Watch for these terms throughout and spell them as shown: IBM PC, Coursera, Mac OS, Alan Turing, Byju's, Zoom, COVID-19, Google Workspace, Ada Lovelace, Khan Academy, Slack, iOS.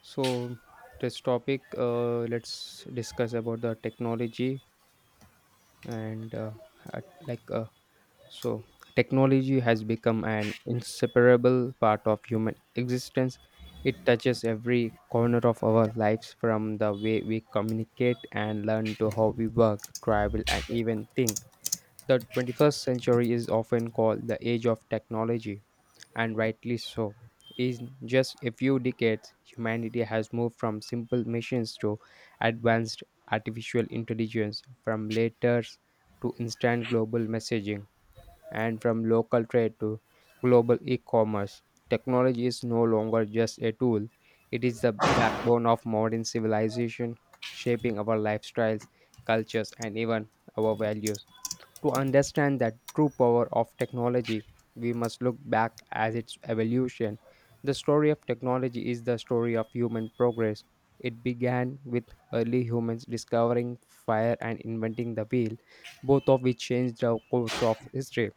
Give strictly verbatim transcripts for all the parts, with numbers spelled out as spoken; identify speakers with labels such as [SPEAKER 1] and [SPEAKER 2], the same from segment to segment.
[SPEAKER 1] So this topic, uh, let's discuss about the technology and uh, at- like uh, so technology has become an inseparable part of human existence. It touches every corner of our lives, from the way we communicate and learn to how we work, travel, and even think. The twenty-first century is often called the age of technology, and rightly so. In just a few decades, humanity has moved from simple machines to advanced artificial intelligence, from letters to instant global messaging, and from local trade to global e commerce. Technology is no longer just a tool, it is the backbone of modern civilization, shaping our lifestyles, cultures, and even our values. To understand that true power of technology, we must look back at its evolution. The story of technology is the story of human progress. It began with early humans discovering fire and inventing the wheel, both of which changed the course of history.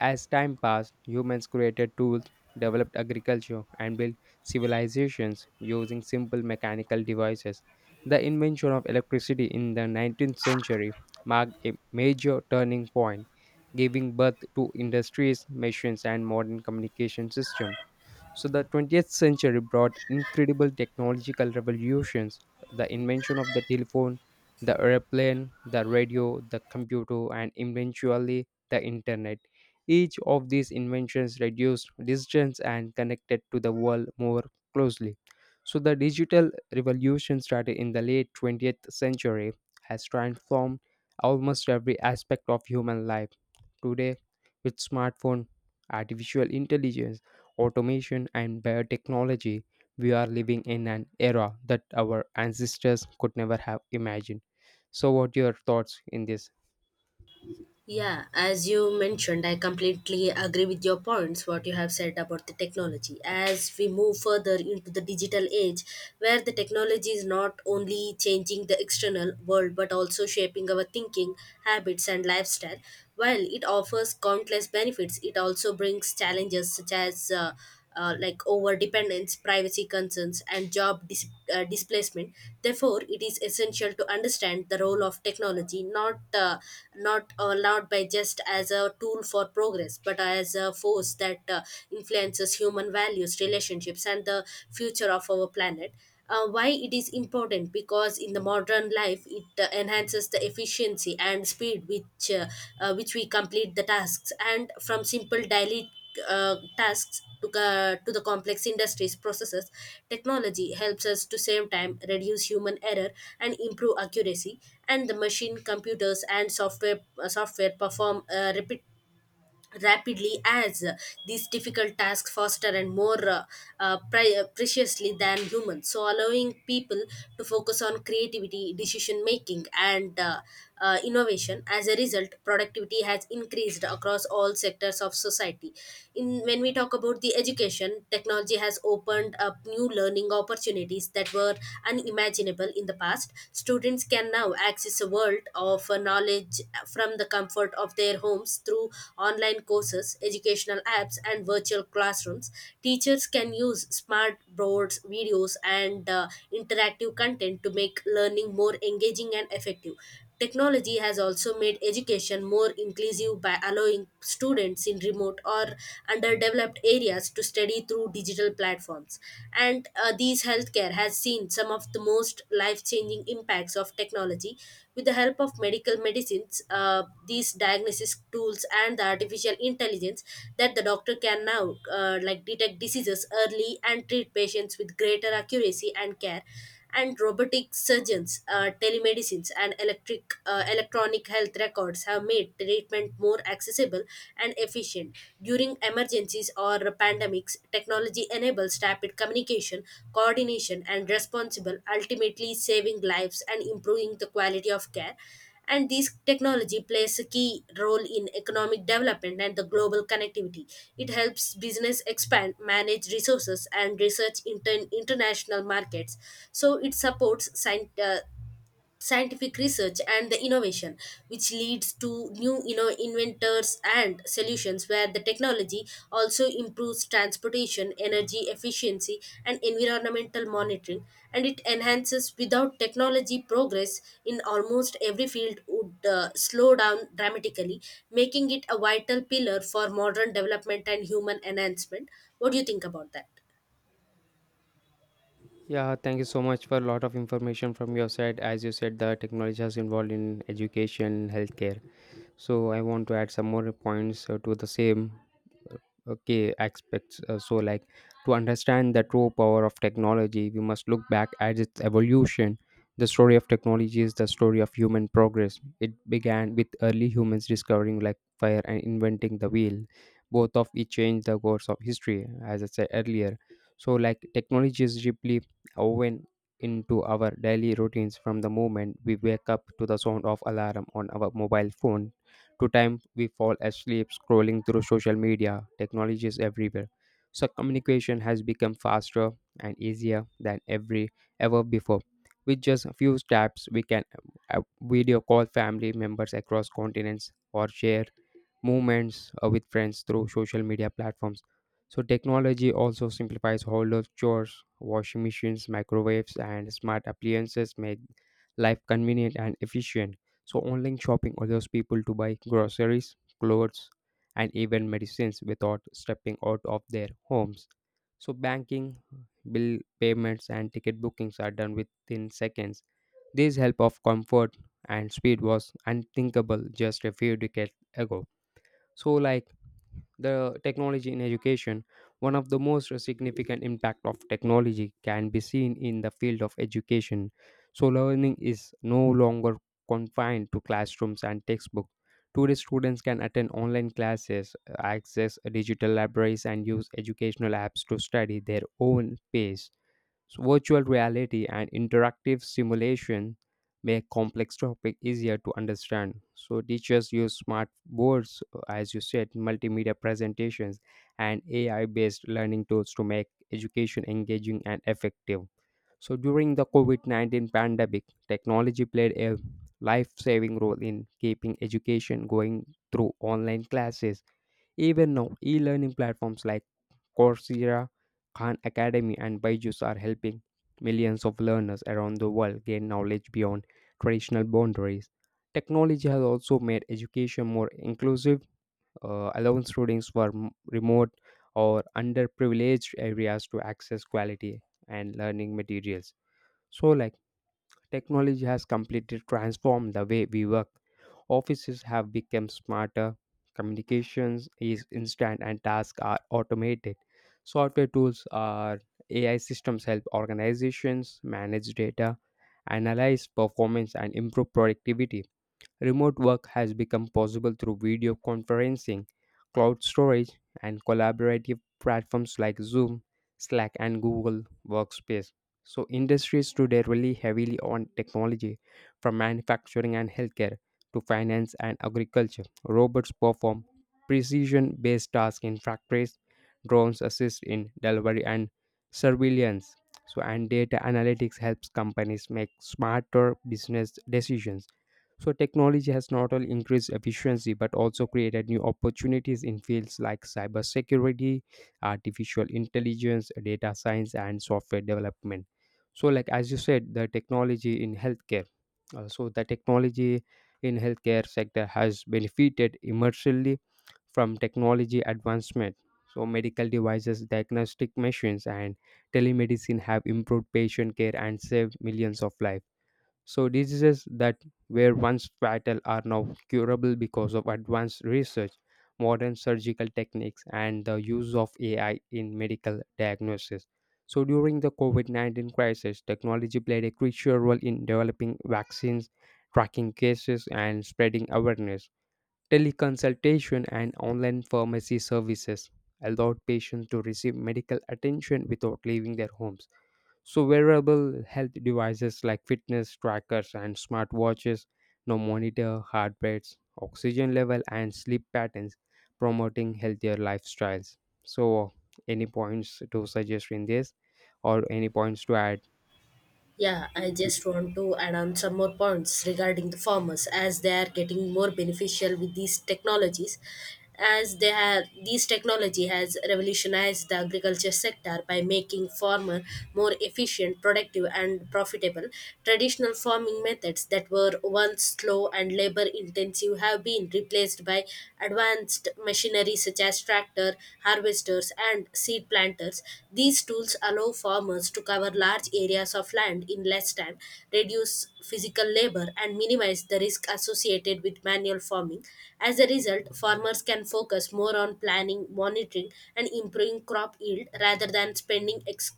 [SPEAKER 1] As time passed, humans created tools, developed agriculture, and built civilizations using simple mechanical devices. The invention of electricity in the nineteenth century marked a major turning point, giving birth to industries, machines, and modern communication systems. So the twentieth century brought incredible technological revolutions, the invention of the telephone, the airplane, the radio, the computer, and eventually the internet. Each of these inventions reduced distance and connected to the world more closely. So the digital revolution started in the late twentieth century has transformed almost every aspect of human life. Today, with smartphone, artificial intelligence, automation, and biotechnology, we are living in an era that our ancestors could never have imagined. So, what your thoughts in this?
[SPEAKER 2] Yeah, as you mentioned, I completely agree with your points, what you have said about the technology. As we move further into the digital age, where the technology is not only changing the external world but also shaping our thinking, habits, and lifestyle, while it offers countless benefits, it also brings challenges such as uh, uh, like over dependence, privacy concerns, and job dis- uh, displacement. Therefore, it is essential to understand the role of technology not uh, not allowed by just as a tool for progress, but as a force that uh, influences human values, relationships, and the future of our planet. Uh, why it is important? Because in the modern life it uh, enhances the efficiency and speed which uh, uh, which we complete the tasks, and from simple daily uh, tasks to, uh, to the complex industries processes, technology helps us to save time, reduce human error, and improve accuracy. And the machine, computers, and software uh, software perform uh, repetitive rapidly, as uh, these difficult tasks faster and more uh, uh, pri- uh, preciously than humans, so allowing people to focus on creativity, decision making, and uh, uh, innovation. As a result, productivity has increased across all sectors of society. In when we talk about the education, technology has opened up new learning opportunities that were unimaginable in the past. Students can can now access a world of uh, knowledge from the comfort of their homes through online courses, educational apps, and virtual classrooms. Teachers can use smart boards, videos, and uh, interactive content to make learning more engaging and effective. Technology has also made education more inclusive by allowing students in remote or underdeveloped areas to study through digital platforms. And uh, these healthcare has seen some of the most life changing impacts of technology. With the help of medical medicines, uh, these diagnosis tools, and the artificial intelligence, that the doctor can now uh, like detect diseases early and treat patients with greater accuracy and care. And robotic surgeons, uh, telemedicines, and electric uh, electronic health records have made treatment more accessible and efficient. During emergencies or pandemics, technology enables rapid communication, coordination, and responsible, ultimately saving lives and improving the quality of care. And this technology plays a key role in economic development and the global connectivity. It helps business expand, manage resources, and research inter- international markets. So it supports scien- uh, scientific research and the innovation, which leads to new, you know, inventors and solutions, where the technology also improves transportation, energy efficiency, and environmental monitoring. And it enhances without technology progress in almost every field would uh, slow down dramatically, making it a vital pillar for modern development and human enhancement. What do you think about that?
[SPEAKER 1] Yeah, thank you so much for a lot of information from your side. As you said, the technology has involved in education, healthcare. So I want to add some more points uh, to the same. Okay, aspects, uh, so like, to understand the true power of technology, we must look back at its evolution. The story of technology is the story of human progress. It began with early humans discovering like fire and inventing the wheel. Both of it changed the course of history, as I said earlier. So like, technology is deeply woven into our daily routines, from the moment we wake up to the sound of alarm on our mobile phone to time we fall asleep scrolling through social media. Technology is everywhere. So communication has become faster and easier than every ever before. With just a few taps, we can uh, video call family members across continents or share moments uh, with friends through social media platforms. So technology also simplifies household chores. Washing machines, microwaves, and smart appliances make life convenient and efficient. So, online shopping allows people to buy groceries, clothes, and even medicines without stepping out of their homes. So, banking, bill payments, and ticket bookings are done within seconds. This help of comfort and speed was unthinkable just a few decades ago. So, like, the technology in education. One of the most significant impact of technology can be seen in the field of education. So learning is no longer confined to classrooms and textbooks. Today students can attend online classes, access digital libraries, and use educational apps to study their own pace. So virtual reality and interactive simulation make complex topic easier to understand. So teachers use smart boards, as you said, multimedia presentations, and A I-based learning tools to make education engaging and effective. So during the COVID nineteen pandemic, technology played a life-saving role in keeping education going through online classes. Even now, e-learning platforms like Coursera, Khan Academy, and Byju's are helping millions of learners around the world gain knowledge beyond traditional boundaries. Technology has also made education more inclusive, uh, allowing students from remote or underprivileged areas to access quality and learning materials. So, like, technology has completely transformed the way we work. Offices have become smarter, communications is instant, and tasks are automated. Software tools are A I systems help organizations manage data, analyze performance, and improve productivity. Remote work has become possible through video conferencing, cloud storage, and collaborative platforms like Zoom, Slack, and Google Workspace. So, industries today rely heavily on technology, from manufacturing and healthcare to finance and agriculture. Robots perform precision based tasks in factories, drones assist in delivery and surveillance. So, and data analytics helps companies make smarter business decisions. So technology has not only increased efficiency but also created new opportunities in fields like cybersecurity, artificial intelligence, data science, and software development. So, like as you said, the technology in healthcare. Uh, so the technology in healthcare sector has benefited immensely from technology advancement. So medical devices, diagnostic machines, and telemedicine have improved patient care and saved millions of lives. So, diseases that were once fatal are now curable because of advanced research, modern surgical techniques, and the use of A I in medical diagnosis. So, during the COVID nineteen crisis, technology played a crucial role in developing vaccines, tracking cases, and spreading awareness. Teleconsultation and online pharmacy services allowed patients to receive medical attention without leaving their homes. So wearable health devices like fitness trackers and smartwatches now monitor heart rates, oxygen level, and sleep patterns, promoting healthier lifestyles. So, any points to suggest in this, or any points to add?
[SPEAKER 2] Yeah, I just want to add on some more points regarding the farmers, as they are getting more beneficial with these technologies, as they have these technology has revolutionized the agriculture sector by making farmer more efficient, productive, and profitable. Traditional farming methods that were once slow and labor intensive have been replaced by by advanced machinery such as tractor, harvesters, and seed planters. These tools allow farmers to cover large areas of land in less time, reduce physical labor, and minimize the risk associated with manual farming. As a result, farmers can focus more on planning, monitoring, and improving crop yield rather than spending ex-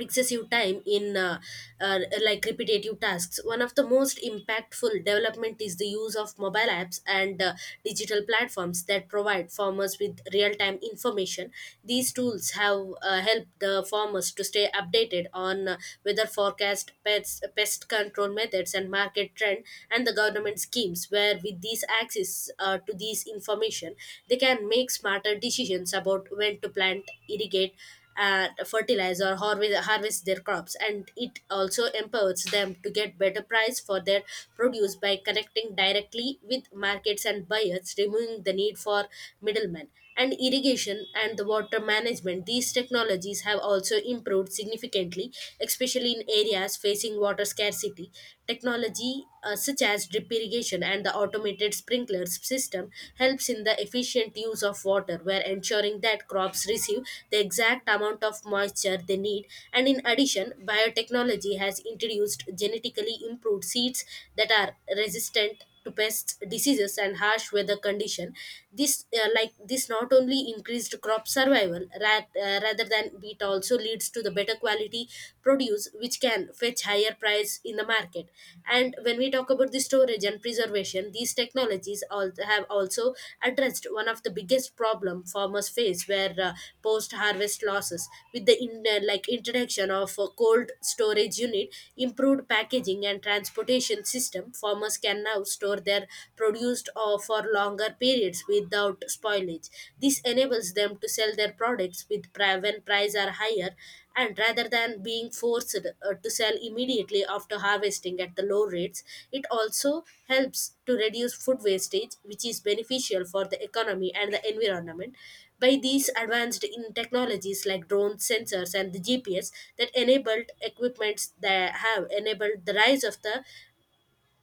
[SPEAKER 2] excessive time in uh, uh, like repetitive tasks. One of the most impactful development is the use of mobile apps and uh, digital platforms that provide farmers with real-time information. These tools have uh, helped the farmers to stay updated on uh, weather forecast, pest, pest control methods, and market trend, and the government schemes, where with these access uh, to these information they can make smarter decisions about when to plant, irrigate, and fertilize, or harvest, harvest their crops. And it also empowers them to get better price for their produce by connecting directly with markets and buyers, removing the need for middlemen. And irrigation and the water management, these technologies have also improved significantly, especially in areas facing water scarcity. Technology uh, such as drip irrigation and the automated sprinkler sprinkler system helps in the efficient use of water, where ensuring that crops receive the exact amount of moisture they need. And in addition, biotechnology has introduced genetically improved seeds that are resistant to pests, diseases, and harsh weather condition. This uh, Like this not only increased crop survival ra- uh, rather than it also leads to the better quality produce produce, which can fetch higher price in the market. And when we talk about the storage and preservation, these technologies all have also addressed one of the biggest problem farmers face, where uh, post harvest losses. With the in, uh, like introduction of a cold storage unit, improved packaging and transportation system, farmers can now store their produced uh, for longer periods without spoilage knowledge. This enables them to sell their products with pri- when prices are higher, and rather than being forced uh, to sell immediately after harvesting at the low rates. It also helps to reduce food wastage, which is beneficial for the economy and the environment. By these advanced in technologies like drones, sensors, and the G P S that enabled equipments that have enabled the rise of the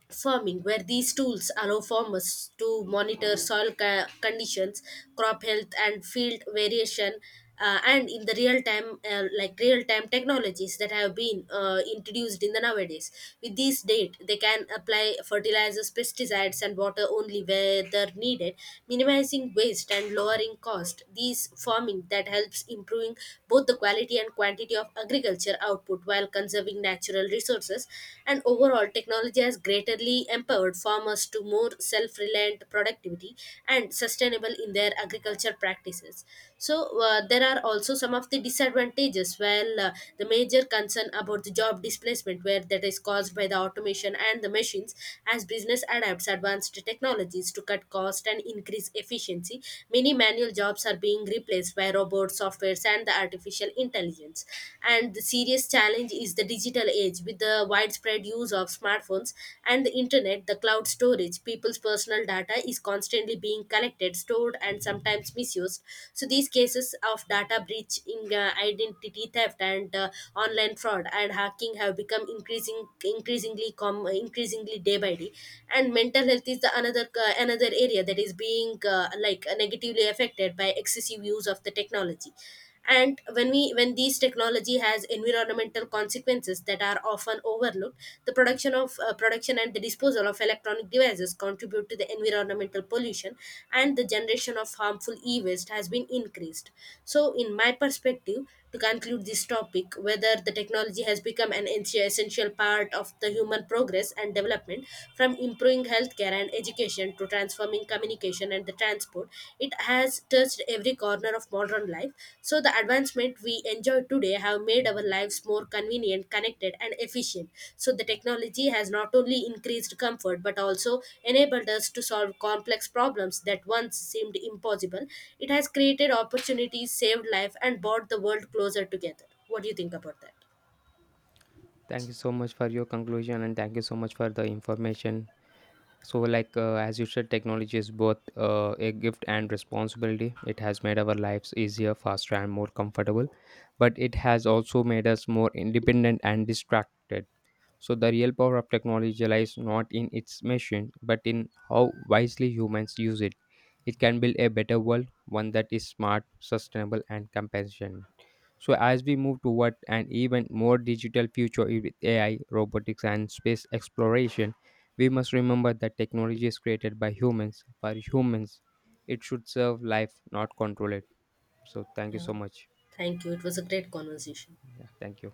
[SPEAKER 2] farming, where these tools allow farmers to monitor soil ca- conditions, crop health, and field variation. Uh, and in the real time, uh, like real time technologies that have been uh, introduced in the nowadays, with this date, they can apply fertilizers, pesticides, and water only where they're needed, minimizing waste and lowering cost. These farming that helps improving both the quality and quantity of agriculture output while while conserving natural resources. And overall, technology has greatly empowered farmers to more self reliant productivity and sustainable in their agriculture practices. So, uh, there are also some of the disadvantages. Well, uh, the major concern about the job displacement, where that is caused by the automation and the machines, as business adapts advanced technologies to cut cost and increase efficiency, many manual jobs are being replaced by robots, cloud softwares, and the artificial intelligence. And the serious challenge is the digital age, with the widespread use of smartphones and the internet, the cloud storage, people's personal data is constantly being collected, stored, and sometimes misused. So these cases of data breach in uh, identity theft and uh, online fraud and hacking have become increasing increasingly com- increasingly day by day. And mental health is the another uh, another area that is is being uh, like uh, negatively affected by excessive use of the technology. And when we when these technology has environmental consequences that are often overlooked. The production of uh, production and the disposal of electronic devices contribute to the environmental pollution, and the generation of harmful e-waste has been increased. So in my perspective, to conclude this topic, whether the technology has become an en- essential part of the human progress and development. From improving healthcare and education to transforming communication and the transport, it has touched every corner of modern life. So the advancement we enjoy today have made our lives more convenient, connected, and efficient. So the technology has not only increased comfort but also enabled us to solve complex problems that once seemed impossible. It has created opportunities, saved life, and brought the world closer together. What do you think about that?
[SPEAKER 1] Thank you so much for your conclusion, and thank you so much for the information. So, like uh, as you said, technology is both uh, a gift and responsibility. It has made our lives easier, faster, and more comfortable, but it has also made us more independent and distracted. So, the real power of technology lies not in its machine, but in how wisely humans use it. It can build a better world, one that is smart, sustainable, and compassionate. So, as we move toward an even more digital future with A I, robotics, and space exploration, we must remember that technology is created by humans for humans. It should serve life, not control it. So, thank you
[SPEAKER 2] Yeah,
[SPEAKER 1] so much.
[SPEAKER 2] thank you. It was a great conversation.
[SPEAKER 1] Yeah, thank you.